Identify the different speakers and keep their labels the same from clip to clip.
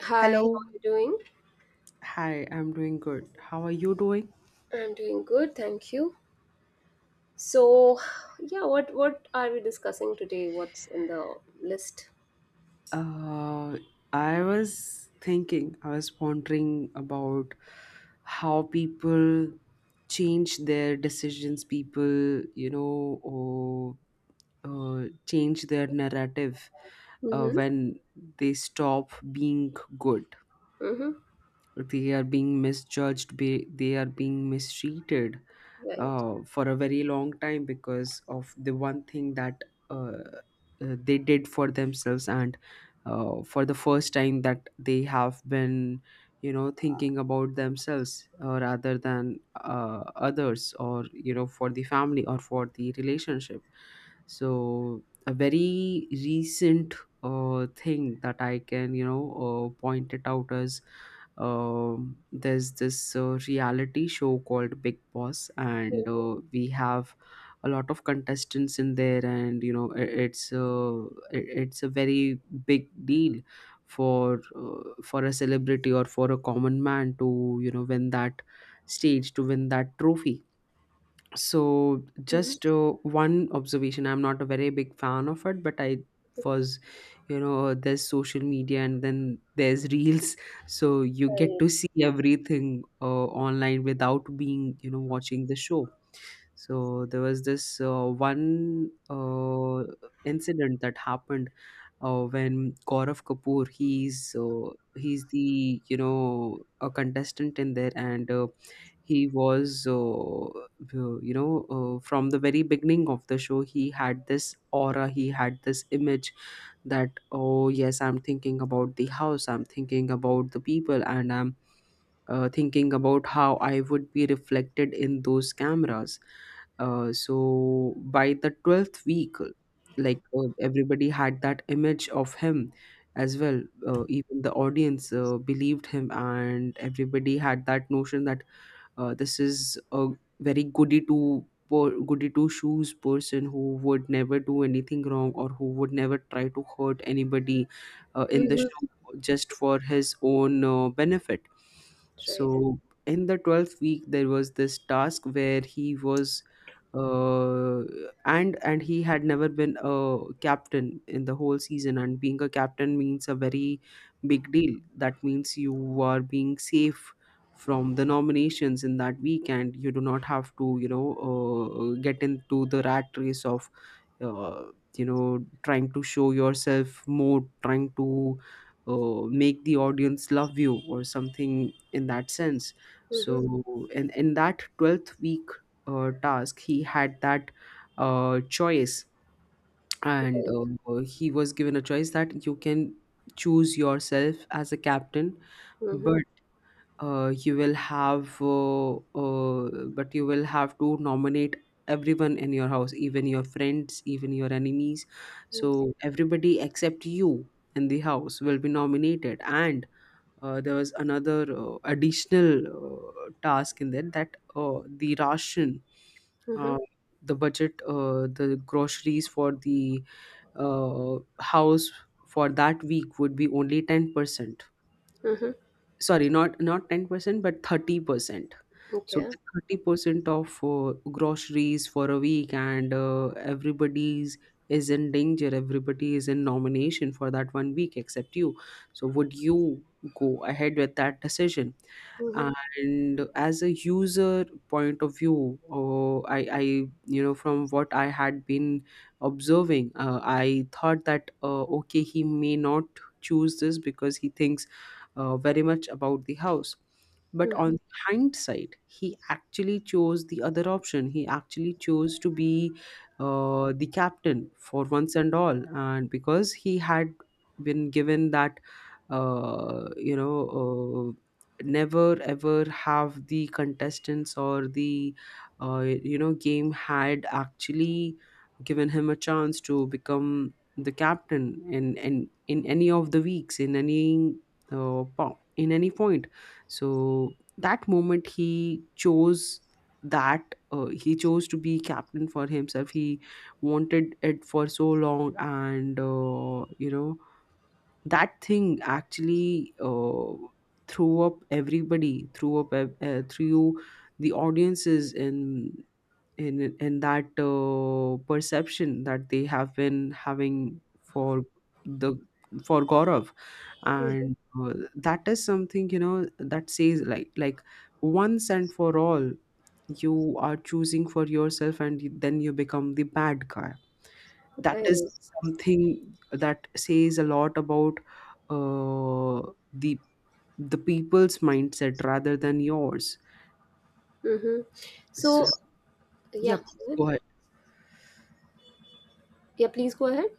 Speaker 1: Hi, how
Speaker 2: Hello.
Speaker 1: are you doing?
Speaker 2: Hi, I'm doing good. How are you doing?
Speaker 1: I'm doing good, thank you. So, yeah, what are we discussing today? What's in the list?
Speaker 2: Uh, I was thinking, I was pondering about how people change their decisions, people, you know, or change their narrative
Speaker 1: Mm-hmm.
Speaker 2: when they stop being good.
Speaker 1: Mm-hmm.
Speaker 2: They are being misjudged, they are being mistreated
Speaker 1: Right.
Speaker 2: for a very long time because of the one thing that uh, they did for themselves, and for the first time that they have been you know thinking about themselves rather than others, or you know, for the family or for the relationship. So a very recent thing that I can you know point it out as, there's this reality show called Big Boss, and
Speaker 1: Mm-hmm.
Speaker 2: we have a lot of contestants in there, and you know it's it's a very big deal for a celebrity or for a common man to you know win that stage, to win that trophy. So
Speaker 1: Mm-hmm.
Speaker 2: just one observation, I'm not a very big fan of it, but I was, you know, there's social media and then there's reels, so you get
Speaker 1: Right.
Speaker 2: to see everything online without being you know watching the show. So there was this one incident that happened when Gaurav Kapoor, he's the you know a contestant in there, and he was you know, from the very beginning of the show he had this aura, he had this image that, oh yes, I'm thinking about the house, I'm thinking about the people, and I'm thinking about how I would be reflected in those cameras. So by the 12th week, like everybody had that image of him as well. Even the audience believed him, and everybody had that notion that this is a very goody two shoes person who would never do anything wrong or who would never try to hurt anybody in the
Speaker 1: Mm-hmm.
Speaker 2: show just for his own benefit.
Speaker 1: Right.
Speaker 2: So in the 12th week there was this task where he was, uh, and he had never been a captain in the whole season, and being a captain means a very big deal. That means you are being safe from the nominations in that weekend. You do not have to you know get into the rat race of uh, you know trying to show yourself more, trying to make the audience love you or something in that sense.
Speaker 1: Mm-hmm.
Speaker 2: So in that 12th week task, he had that choice, and
Speaker 1: Right.
Speaker 2: he was given a choice that you can choose yourself as a captain,
Speaker 1: Mm-hmm.
Speaker 2: but you will have uh, but you will have to nominate everyone in your house, even your friends, even your enemies. So everybody except you in the house will be nominated, and there was another additional task in there that the ration,
Speaker 1: Mm-hmm.
Speaker 2: uh, the budget, the groceries for the house for that week would be only 10%,
Speaker 1: Mm-hmm.
Speaker 2: sorry, not 10% but 30%. So
Speaker 1: Okay.
Speaker 2: with 30% of groceries for a week, and everybody's is in danger, everybody is in nomination for that one week except you. So would you go ahead with that decision?
Speaker 1: Mm-hmm.
Speaker 2: And as a user point of view, I you know, from what I had been observing, I thought that okay, he may not choose this because he thinks very much about the house. But
Speaker 1: Mm-hmm.
Speaker 2: on hindsight, he actually chose the other option. He actually chose to be the captain for once and all. And because he had been given that, you know, uh, never ever have the contestants or the, you know, game had actually given him a chance to become the captain in, in, any of the weeks, in any in any point. So that moment he chose that he chose to be captain for himself. He wanted it for so long, and you know, that thing actually threw up everybody, threw the audiences in in in that perception that they have been having for the for Gaurav,
Speaker 1: Mm-hmm.
Speaker 2: and that is something you know that says like, once and for all you are choosing for yourself and then you become the bad guy. That
Speaker 1: Right.
Speaker 2: is something that says a lot about uh, the the people's mindset rather than yours.
Speaker 1: Mm-hmm. So,
Speaker 2: So
Speaker 1: yeah.
Speaker 2: yeah,
Speaker 1: go
Speaker 2: please
Speaker 1: ahead.
Speaker 2: go ahead.
Speaker 1: Yeah, please go ahead.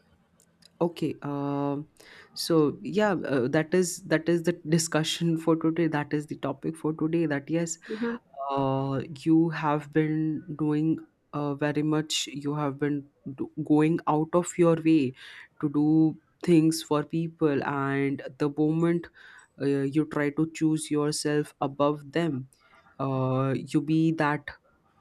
Speaker 2: Okay, so yeah, that is the discussion for today. That is the topic for today. That yes, you have been doing very much, you have been going out of your way to do things for people, and the moment you try to choose yourself above them, you be that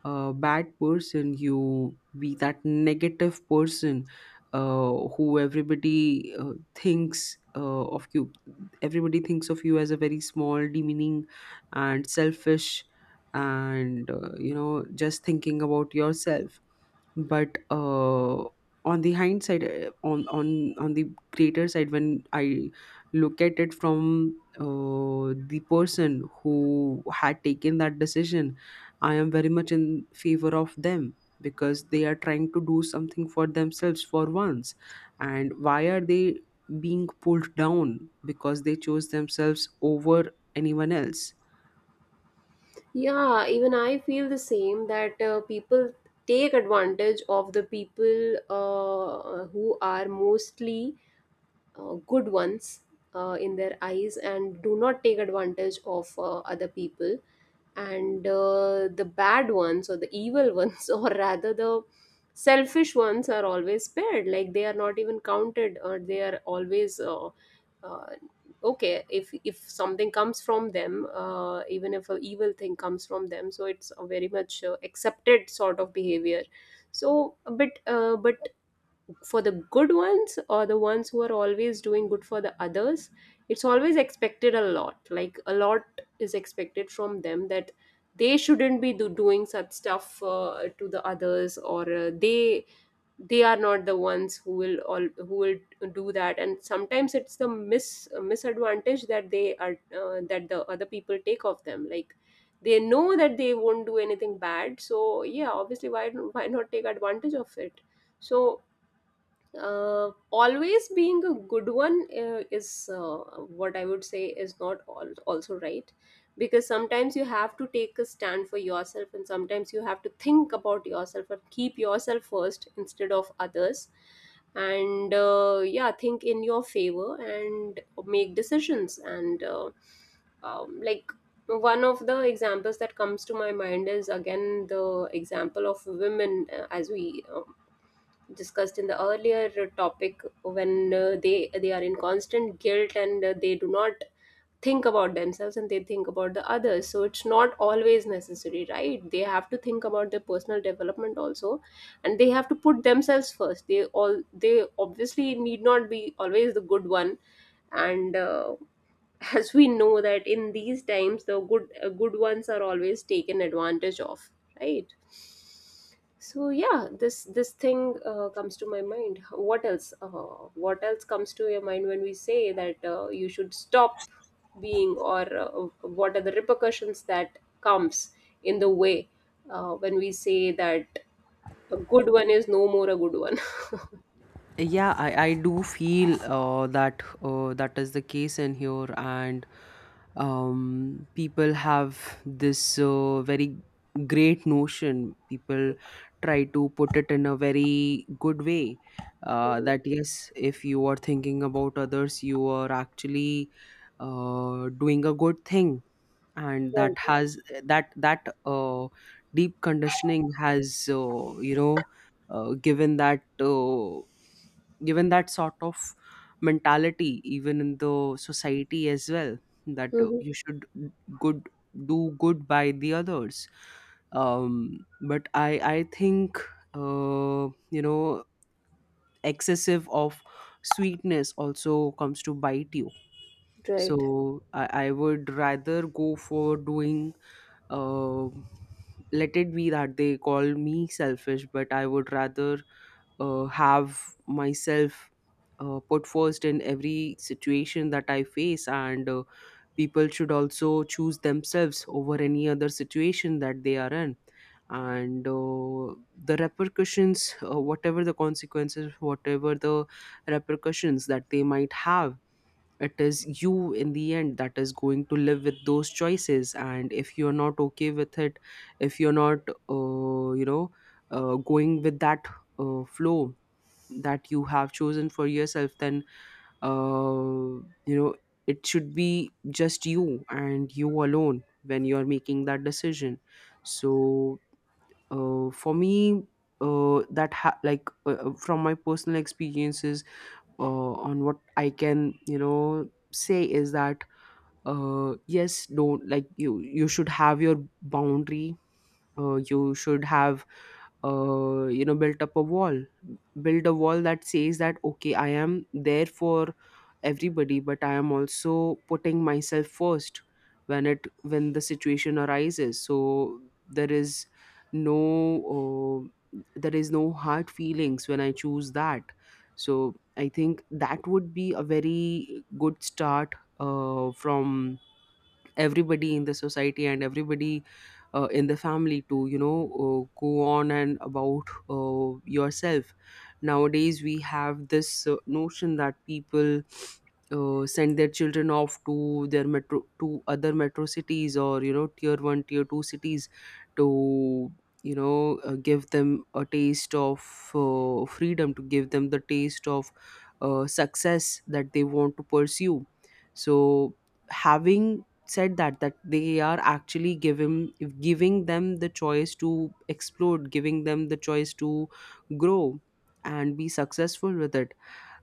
Speaker 2: bad person, you be that negative person who everybody thinks of you, everybody thinks of you as a very small, demeaning and selfish and you know just thinking about yourself. But on the hindsight on the greater side, when I look at it from the person who had taken that decision, I am very much in favor of them because they are trying to do something for themselves for once. And why are they being pulled down because they chose themselves over anyone else?
Speaker 1: Yeah, even I feel the same that people take advantage of the people who are mostly good ones in their eyes and do not take advantage of other people, and the bad ones or the evil ones, or rather the selfish ones are always spared, like they are not even counted, or they are always uh, okay. If something comes from them, even if a evil thing comes from them, so it's a very much accepted sort of behavior. But for the good ones, or the ones who are always doing good for the others, it's always expected a lot, like a lot is expected from them, that they shouldn't be doing such stuff to the others, or they are not the ones who will all who will do that. And sometimes it's the misadvantage that they are, that the other people take of them, like they know that they won't do anything bad, so yeah, obviously, why not take advantage of it? So always being a good one is what I would say is not also right, because sometimes you have to take a stand for yourself, and sometimes you have to think about yourself and keep yourself first instead of others. And yeah, think in your favor and make decisions, and like, one of the examples that comes to my mind is again the example of women, as we discussed in the earlier topic, when they are in constant guilt, and they do not think about themselves and they think about the others. So it's not always necessary, right? They have to think about their personal development also, and they have to put themselves first. They obviously need not be always the good one. And as we know that in these times, the good ones are always taken advantage of, right? So yeah, this thing comes to my mind. What else, what else comes to your mind when we say that you should stop being, or what are the repercussions that comes in the way when we say that a good one is no more a good one?
Speaker 2: Yeah, I do feel that that is the case in here, and people have this very great notion. People try to put it in a very good way
Speaker 1: Mhm.
Speaker 2: that yes, if you are thinking about others, you are actually doing a good thing, and that
Speaker 1: Right.
Speaker 2: has that deep conditioning has you know given that. Given that sort of mentality even in the society as well, that
Speaker 1: Mhm.
Speaker 2: you should good do good by the others. But I think uh, you know excessive of sweetness also comes to bite you. So
Speaker 1: Right.
Speaker 2: I would rather go for doing, uh, let it be that they call me selfish, but I would rather have myself put first in every situation that I face, and people should also choose themselves over any other situation that they are in. And the repercussions, whatever the consequences, whatever the repercussions that they might have, it is you in the end that is going to live with those choices. And if you're not okay with it, if you're not, you know, going with that flow that you have chosen for yourself, then uh, you know it should be just you and you alone when you're making that decision. So for me, that ha- like from my personal experiences, on what I can you know say is that yes, don't, like you should have your boundary. You should have you know built up a wall, build a wall that says that okay, I am there for everybody but I am also putting myself first when it when the situation arises. So there is no there is no hard feelings when I choose that. So I think that would be a very good start from everybody in the society and everybody in the family, to you know go on and about yourself. Nowadays we have this notion that people send their children off to their metro, to other metro cities, or you know tier 1, tier 2 cities, to you know give them a taste of freedom, to give them the taste of success that they want to pursue. So having said that, that they are actually giving, giving them the choice to explode, giving them the choice to grow and be successful with it.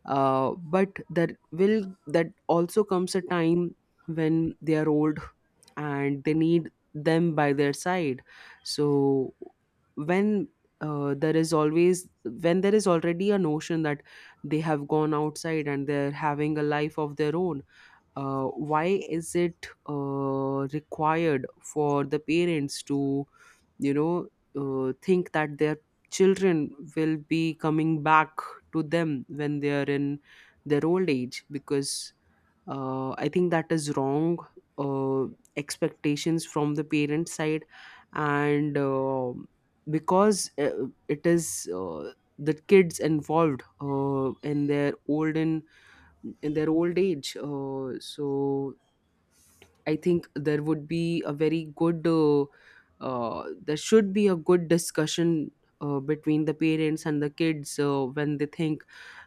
Speaker 2: But that will, that also comes a time when they are old and they need them by their side. So when there is always, when there is already a notion that they have gone outside and they're having a life of their own, uh, why is it required for the parents to you know think that their children will be coming back to them when they are in their old age? Because I think that is wrong uh, expectations from the parent side. And because it is the kids involved in their olden, in their old age. So I think there would be a very good, there should be a good discussion between the parents and the kids when they think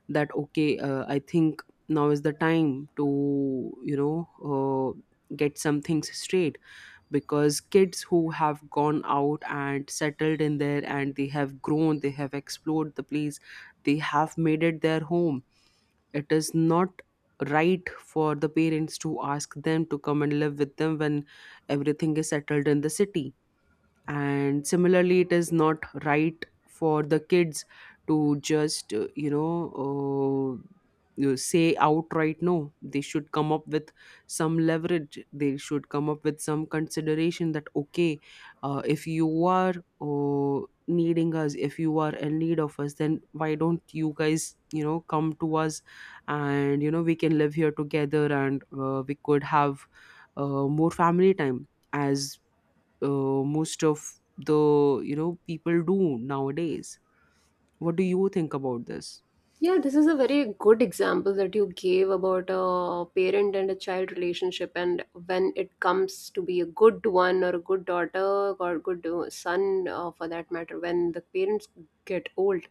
Speaker 2: that, okay, I think now is the time to, get some things straight, because kids who have gone out and settled in there, and they have grown, they have explored the place, they have made it their home. It is not right for the parents to ask them to come and live with them when everything is settled in the city. And similarly, it is not right for the kids to just uh, you say outright no. They should come up with some leverage, they should come up with some consideration, that, okay, if you are uh, needing us, if you are in need of us, then why don't you guys, come to us, and, we can live here together, and we could have more family time, as most of the, people do nowadays. What do you think about this?
Speaker 1: Yeah, this is a very good example that you gave about a parent and a child relationship. And when it comes to be a good one, or a good daughter or good son, for that matter, when the parents get old,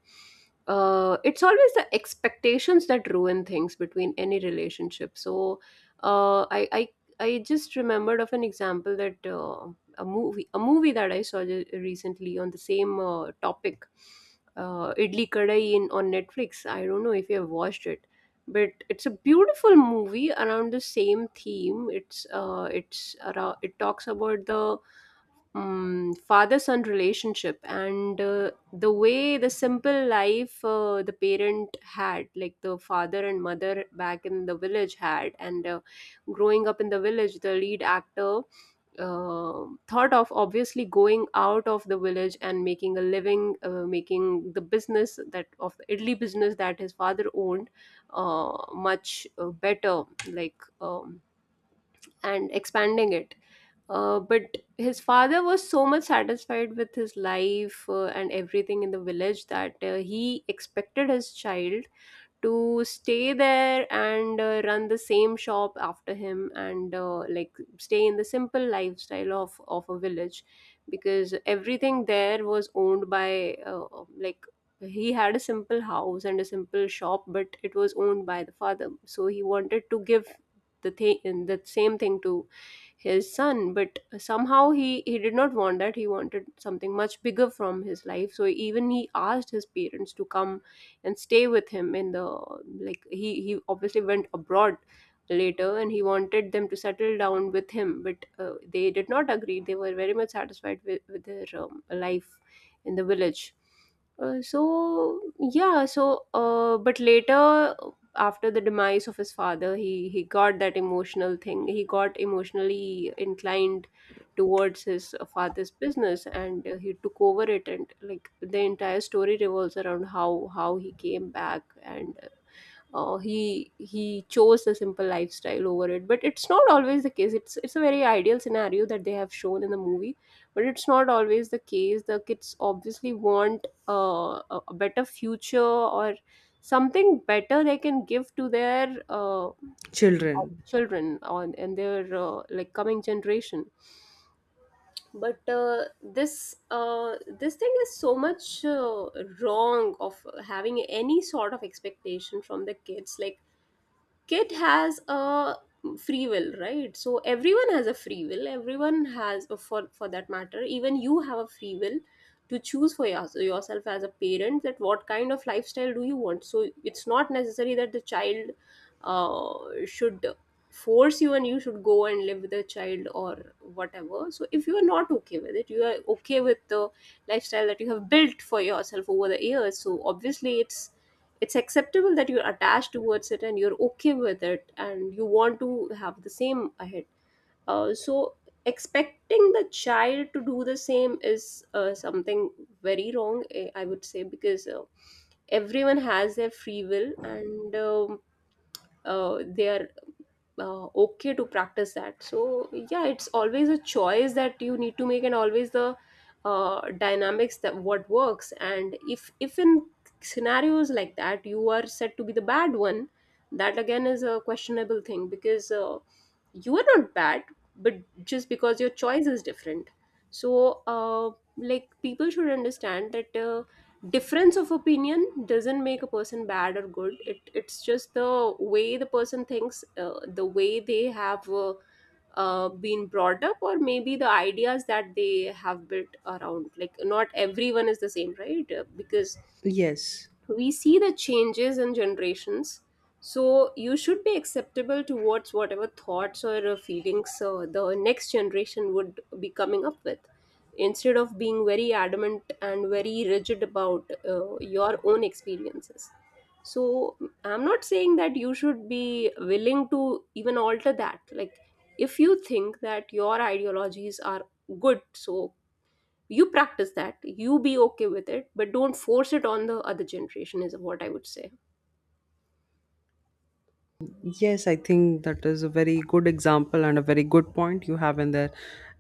Speaker 1: it's always the expectations that ruin things between any relationship. So uh, I, I I just remembered of an example that a movie that I saw recently on the same topic, Idli Kadai in on Netflix. I don't know if you have watched it, but it's a beautiful movie around the same theme. It's around, it talks about the father son relationship, and the way the simple life the parent had, like the father and mother back in the village had. And growing up in the village, the lead actor thought of obviously going out of the village and making a living, making the business, that of the idli business that his father owned, much better, like, and expanding it. But his father was so much satisfied with his life and everything in the village, that he expected his child to stay there and run the same shop after him, and like stay in the simple lifestyle of a village, because everything there was owned by, like, he had a simple house and a simple shop, but it was owned by the father. So he wanted to give the same thing to his son. But somehow he did not want that, he wanted something much bigger from his life. So even he asked his parents to come and stay with him in the, like he obviously went abroad later, and he wanted them to settle down with him, but they did not agree. They were very much satisfied with their life in the village. So yeah, so but later, after the demise of his father, he got that emotional thing, he got emotionally inclined towards his father's business, and he took over it. And like, the entire story revolves around how he came back, and he chose the simple lifestyle over it. But it's not always the case, it's a very ideal scenario that they have shown in the movie. But it's not always the case. The kids obviously want a better future, or something better they can give to their
Speaker 2: Children.
Speaker 1: children on, and their like coming generation. But this thing is so much wrong, of having any sort of expectation from the kids. Like, kid has a free will, right? So everyone has a free will. Everyone has, for that matter, even you have a free will to choose for your, yourself as a parent, that what kind of lifestyle do you want. So it's not necessary that the child uh, should force you, and you should go and live with the child or whatever. So if you are not okay with it, you are okay with the lifestyle that you have built for yourself over the years, so obviously it's acceptable that you're attached towards it and you're okay with it and you want to have the same ahead. So expecting the child to do the same is something very wrong, eh, I would say, because everyone has their free will, and they are okay to practice that. So yeah, it's always a choice that you need to make, and always the dynamics, that what works. And if in scenarios like that you are said to be the bad one, that again is a questionable thing, because you are not bad, but just because your choice is different. So like, people should understand that difference of opinion doesn't make a person bad or good. It, it's just the way the person thinks, the way they have been brought up, or maybe the ideas that they have built around. Like, not everyone is the same, right? Because
Speaker 2: Yes.
Speaker 1: we see the changes in generations, so you should be acceptable towards whatever thoughts or feelings the next generation would be coming up with, instead of being very adamant and very rigid about your own experiences. So I'm not saying that you should be willing to even alter that. Like, if you think that your ideologies are good, so you practice that, you be okay with it, but don't force it on the other generation, is what I would say.
Speaker 2: Yes, I think that is a very good example and a very good point you have in there.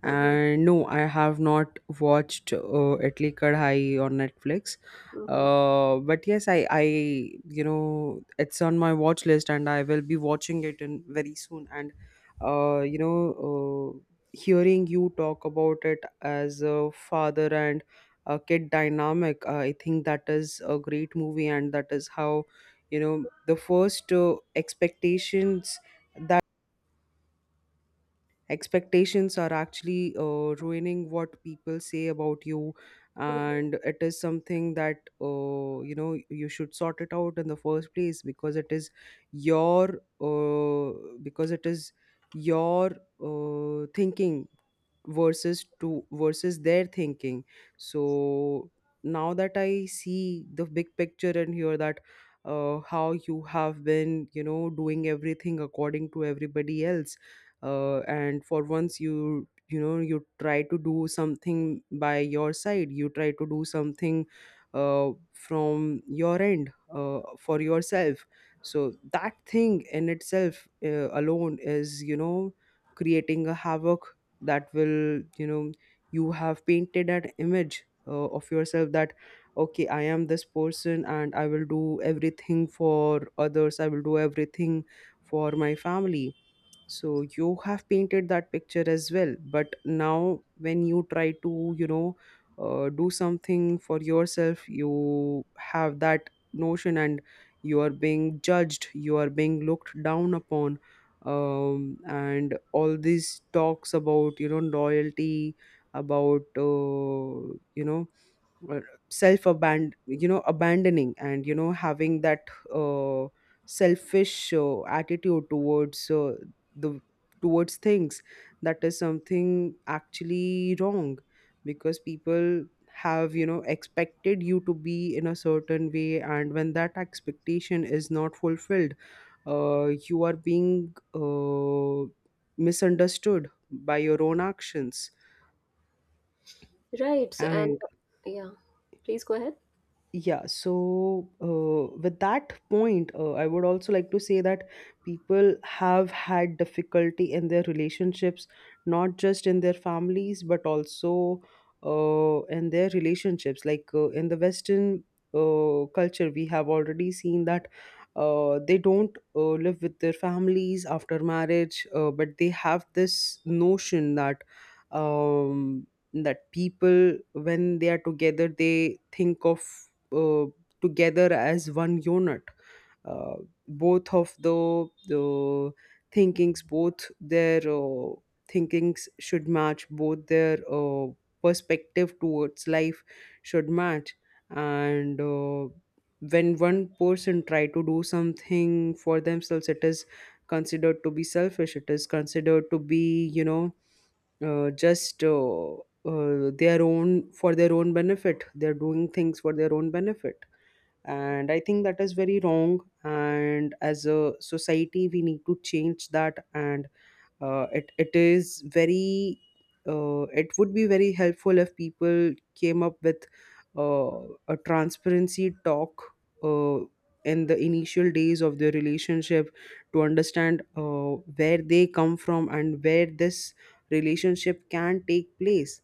Speaker 1: Hmm.
Speaker 2: And no, I have not watched Itli Kadhai on Netflix.
Speaker 1: Hmm.
Speaker 2: But yes, you know, it's on my watch list, and I will be watching it in very soon. And, uh, you know, uh, hearing you talk about it as a father and a kid dynamic, I think that is a great movie, and that is how, the first expectations are actually ruining what people say about you.
Speaker 1: Hmm.
Speaker 2: And it is something that, you should sort it out in the first place, because it is your, uh, because it is your thinking, versus their thinking. So now that I see the big picture and hear that, how you have been, doing everything according to everybody else, and for once you you know, you try to do something by your side, you try to do something from your end, for yourself. So that thing in itself, alone, is, creating a havoc, that will, you have painted an image of yourself, that, okay, I am this person and I will do everything for others, I will do everything for my family. So you have painted that picture as well, but now when you try to, do something for yourself, you have that notion, and you are being judged, you are being looked down upon. And all these talks about, loyalty, about you know, abandoning, and, having that uh, selfish attitude towards the towards things. That is something actually wrong, because people have, expected you to be in a certain way, and when that expectation is not fulfilled, you are being misunderstood by your own actions.
Speaker 1: Right so, and
Speaker 2: And
Speaker 1: Yeah, please go ahead.
Speaker 2: yeah, so with that point, I would also like to say that people have had difficulty in their relationships, not just in their families, but also in their relationships. Like, in the Western culture, we have already seen that they don't live with their families after marriage, but they have this notion that. Um, that people, when they are together, they think of uh, together as one unit. Uh, Both of the thinkings, both their thinkings should match, both their perspective towards life should match. And when one person try to do something for themselves, it is considered to be selfish. It is considered to be, you know, just their own, for their own benefit. They're doing things for their own benefit, and I think that is very wrong, and as a society we need to change that. And uh, it it is very it would be very helpful if people came up with uh, a transparency talk, uh, in the initial days of their relationship, to understand, where they come from and where this relationship can take place.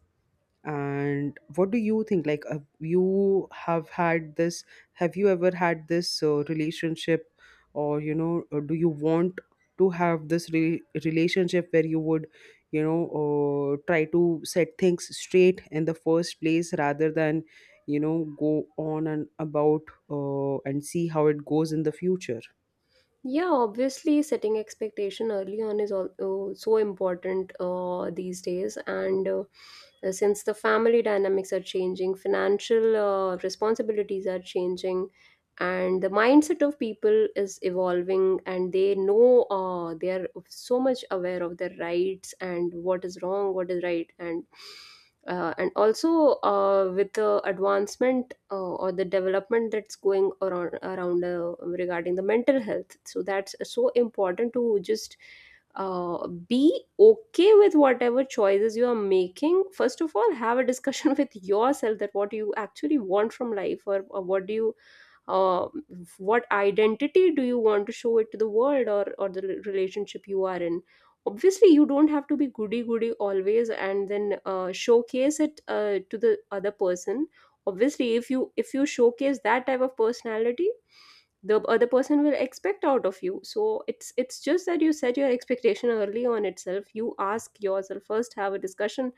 Speaker 2: And what do you think, like, you have had this have you ever had this relationship, or, do you want to have this relationship, where you would, try to set things straight in the first place, rather than, go on and about, and see how it goes in the future.
Speaker 1: Yeah, obviously, setting expectation early on is all, oh, so important these days. And Since the family dynamics are changing, financial responsibilities are changing, and the mindset of people is evolving, and they know they are so much aware of their rights and what is wrong, what is right, and and also with the advancement or the development that's going around regarding the mental health. So that's so important to just be okay with whatever choices you are making. First of all, have a discussion with yourself, that what you actually want from life, or what do you uh, what identity do you want to show it to the world, or the relationship you are in. Obviously you don't have to be goody goody always and then showcase it to the other person. Obviously if you showcase that type of personality, the other person will expect out of you. So it's just that you set your expectation early on itself. You ask yourself first, have a discussion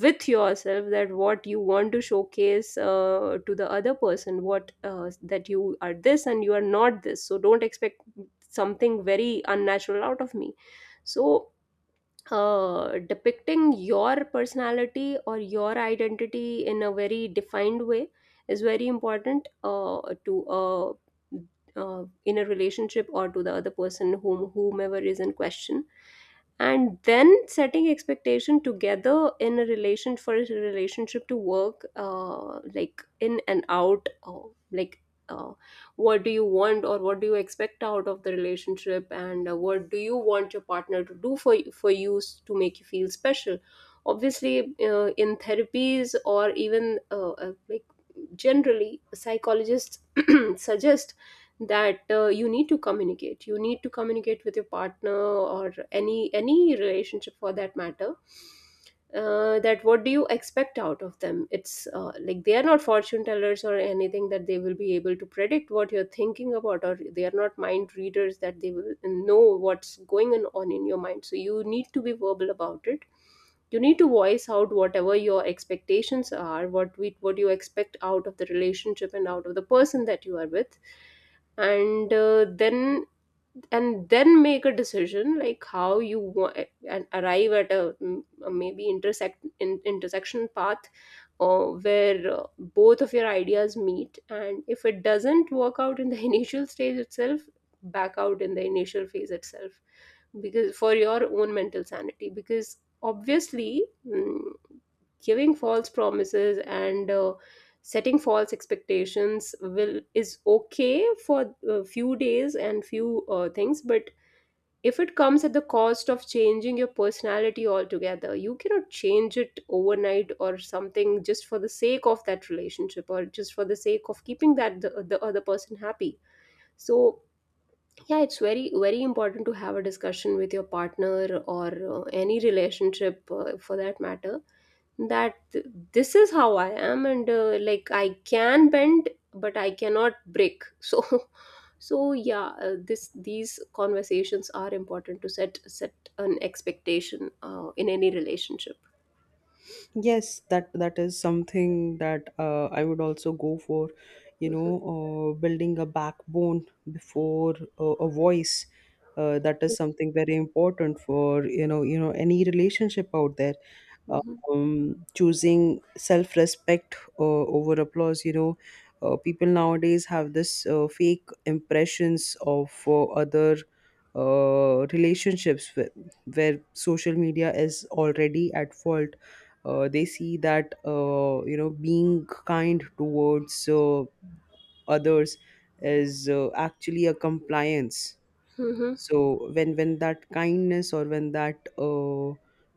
Speaker 1: with yourself, that what you want to showcase to the other person, what that you are this and you are not this, so don't expect something very unnatural out of me. So depicting your personality or your identity in a very defined way is very important to in a relationship or to the other person, whomever is in question. And then, setting expectation together in a relation, for a relationship to work, like in and out, like uh, what do you want, or what do you expect out of the relationship, and what do you want your partner to do for you to make you feel special. Obviously in therapies, or even like, generally, psychologists suggest that you need to communicate, you need to communicate with your partner, or any relationship for that matter, that what do you expect out of them. It's like, they are not fortune tellers or anything, that they will be able to predict what you're thinking about, or they are not mind readers that they will know what's going on in your mind. So you need to be verbal about it. You need to voice out whatever your expectations are, what you expect out of the relationship and out of the person that you are with. And then, and then make a decision, like how you want, and arrive at a, a maybe intersection path where both of your ideas meet. And if it doesn't work out in the initial stage itself, back out in the initial phase itself, because for your own mental sanity, because obviously, giving false promises and setting false expectations will, is okay for a few days and few things, but if it comes at the cost of changing your personality altogether, you cannot change it overnight or something just for the sake of that relationship, or just for the sake of keeping the other person happy. So yeah, it's very important to have a discussion with your partner, or any relationship for that matter, that this is how I am, and like, I can bend but I cannot break. So so yeah, this, these conversations are important to set an expectation in any relationship.
Speaker 2: Yes, that is something that I would also go for,
Speaker 1: Mhm.
Speaker 2: building a backbone before a voice. That is something very important for, any relationship out there,
Speaker 1: Mhm.
Speaker 2: choosing self respect over applause. You know, people nowadays have this fake impressions of other relationships where social media is already at fault. They see that, you know, being kind towards others is actually a compliance.
Speaker 1: Mhm.
Speaker 2: So when that kindness, or when that,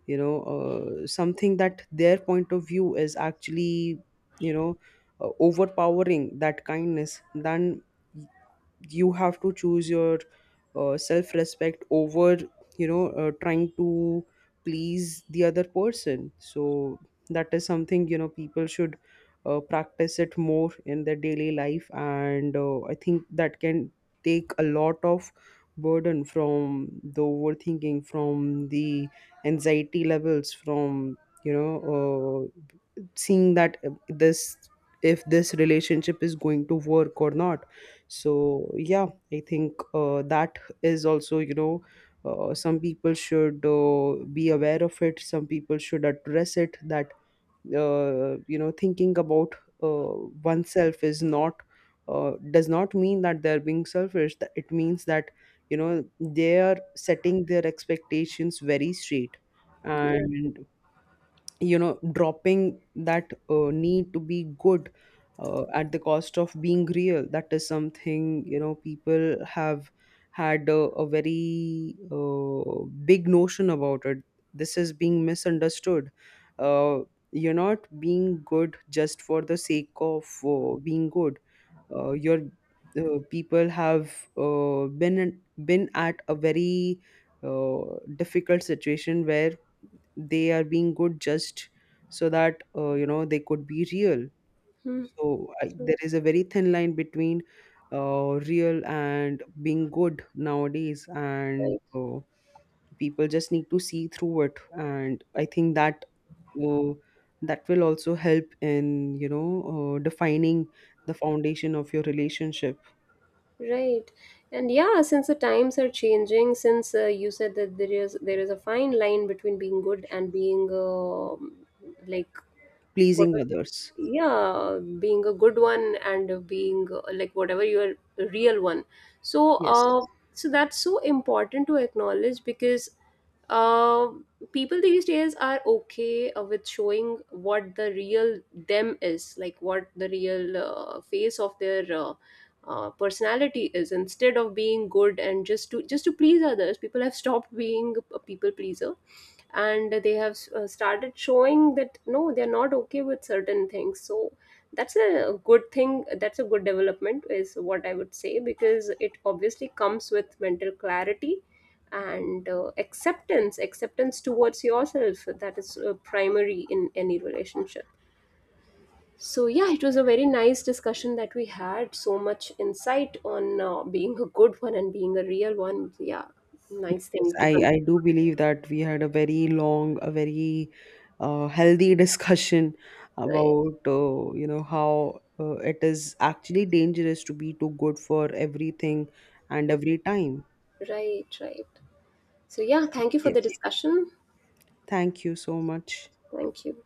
Speaker 2: you know, something that their point of view is actually, you know overpowering that kindness, then you have to choose your self-respect over, trying to please the other person. So that is something, people should practice it more in their daily life. And I think that can take a lot of burden from the overthinking, from the anxiety levels, from, you know seeing that, this if this relationship is going to work or not. So yeah, I think that is also, you know, some people should be aware of it. Some people should address it, that, you know, thinking about uh, oneself is not, does not mean that they're being selfish. That it means that, you know, they are setting their expectations very straight.
Speaker 1: Right.
Speaker 2: And you know, dropping that need to be good at the cost of being real, that is something, you know, people have had a very big notion about. It, this is being misunderstood. uh, you're not being good just for the sake of being good. Your people have been at a very difficult situation where they are being good just so that, you know, they could be real.
Speaker 1: Mhm.
Speaker 2: So I, there is a very thin line between real and being good nowadays, and
Speaker 1: Right.
Speaker 2: people just need to see through it. And I think that uh, that will also help in, defining the foundation of your relationship.
Speaker 1: Right. And yeah, since the times are changing, since you said that there is a fine line between being good and being like what
Speaker 2: Pleasing
Speaker 1: was the,
Speaker 2: others.
Speaker 1: yeah, being a good one and being like whatever your real one. So
Speaker 2: Yes.
Speaker 1: so that's so important to acknowledge, because uh, people these days are okay with showing what the real them is, like what the real face of their personality is, instead of being good and just to please others. People have stopped being a people pleaser, and they have started showing that no, they're not okay with certain things. So that's a good thing, that's a good development is what I would say, because it obviously comes with mental clarity, and acceptance towards yourself, that is primary in any relationship. So yeah, it was a very nice discussion that we had, so much insight on being a good one and being a real one. Yeah, nice
Speaker 2: Yes,
Speaker 1: thing to
Speaker 2: I,
Speaker 1: con-
Speaker 2: I do believe that we had a very long, a very healthy discussion
Speaker 1: right.
Speaker 2: about, you know, how it is actually dangerous to be too good for everything and
Speaker 1: Mhm.
Speaker 2: every time.
Speaker 1: Right, right. So yeah, thank you for
Speaker 2: Yeah.
Speaker 1: the discussion.
Speaker 2: Thank you so much.
Speaker 1: Thank you.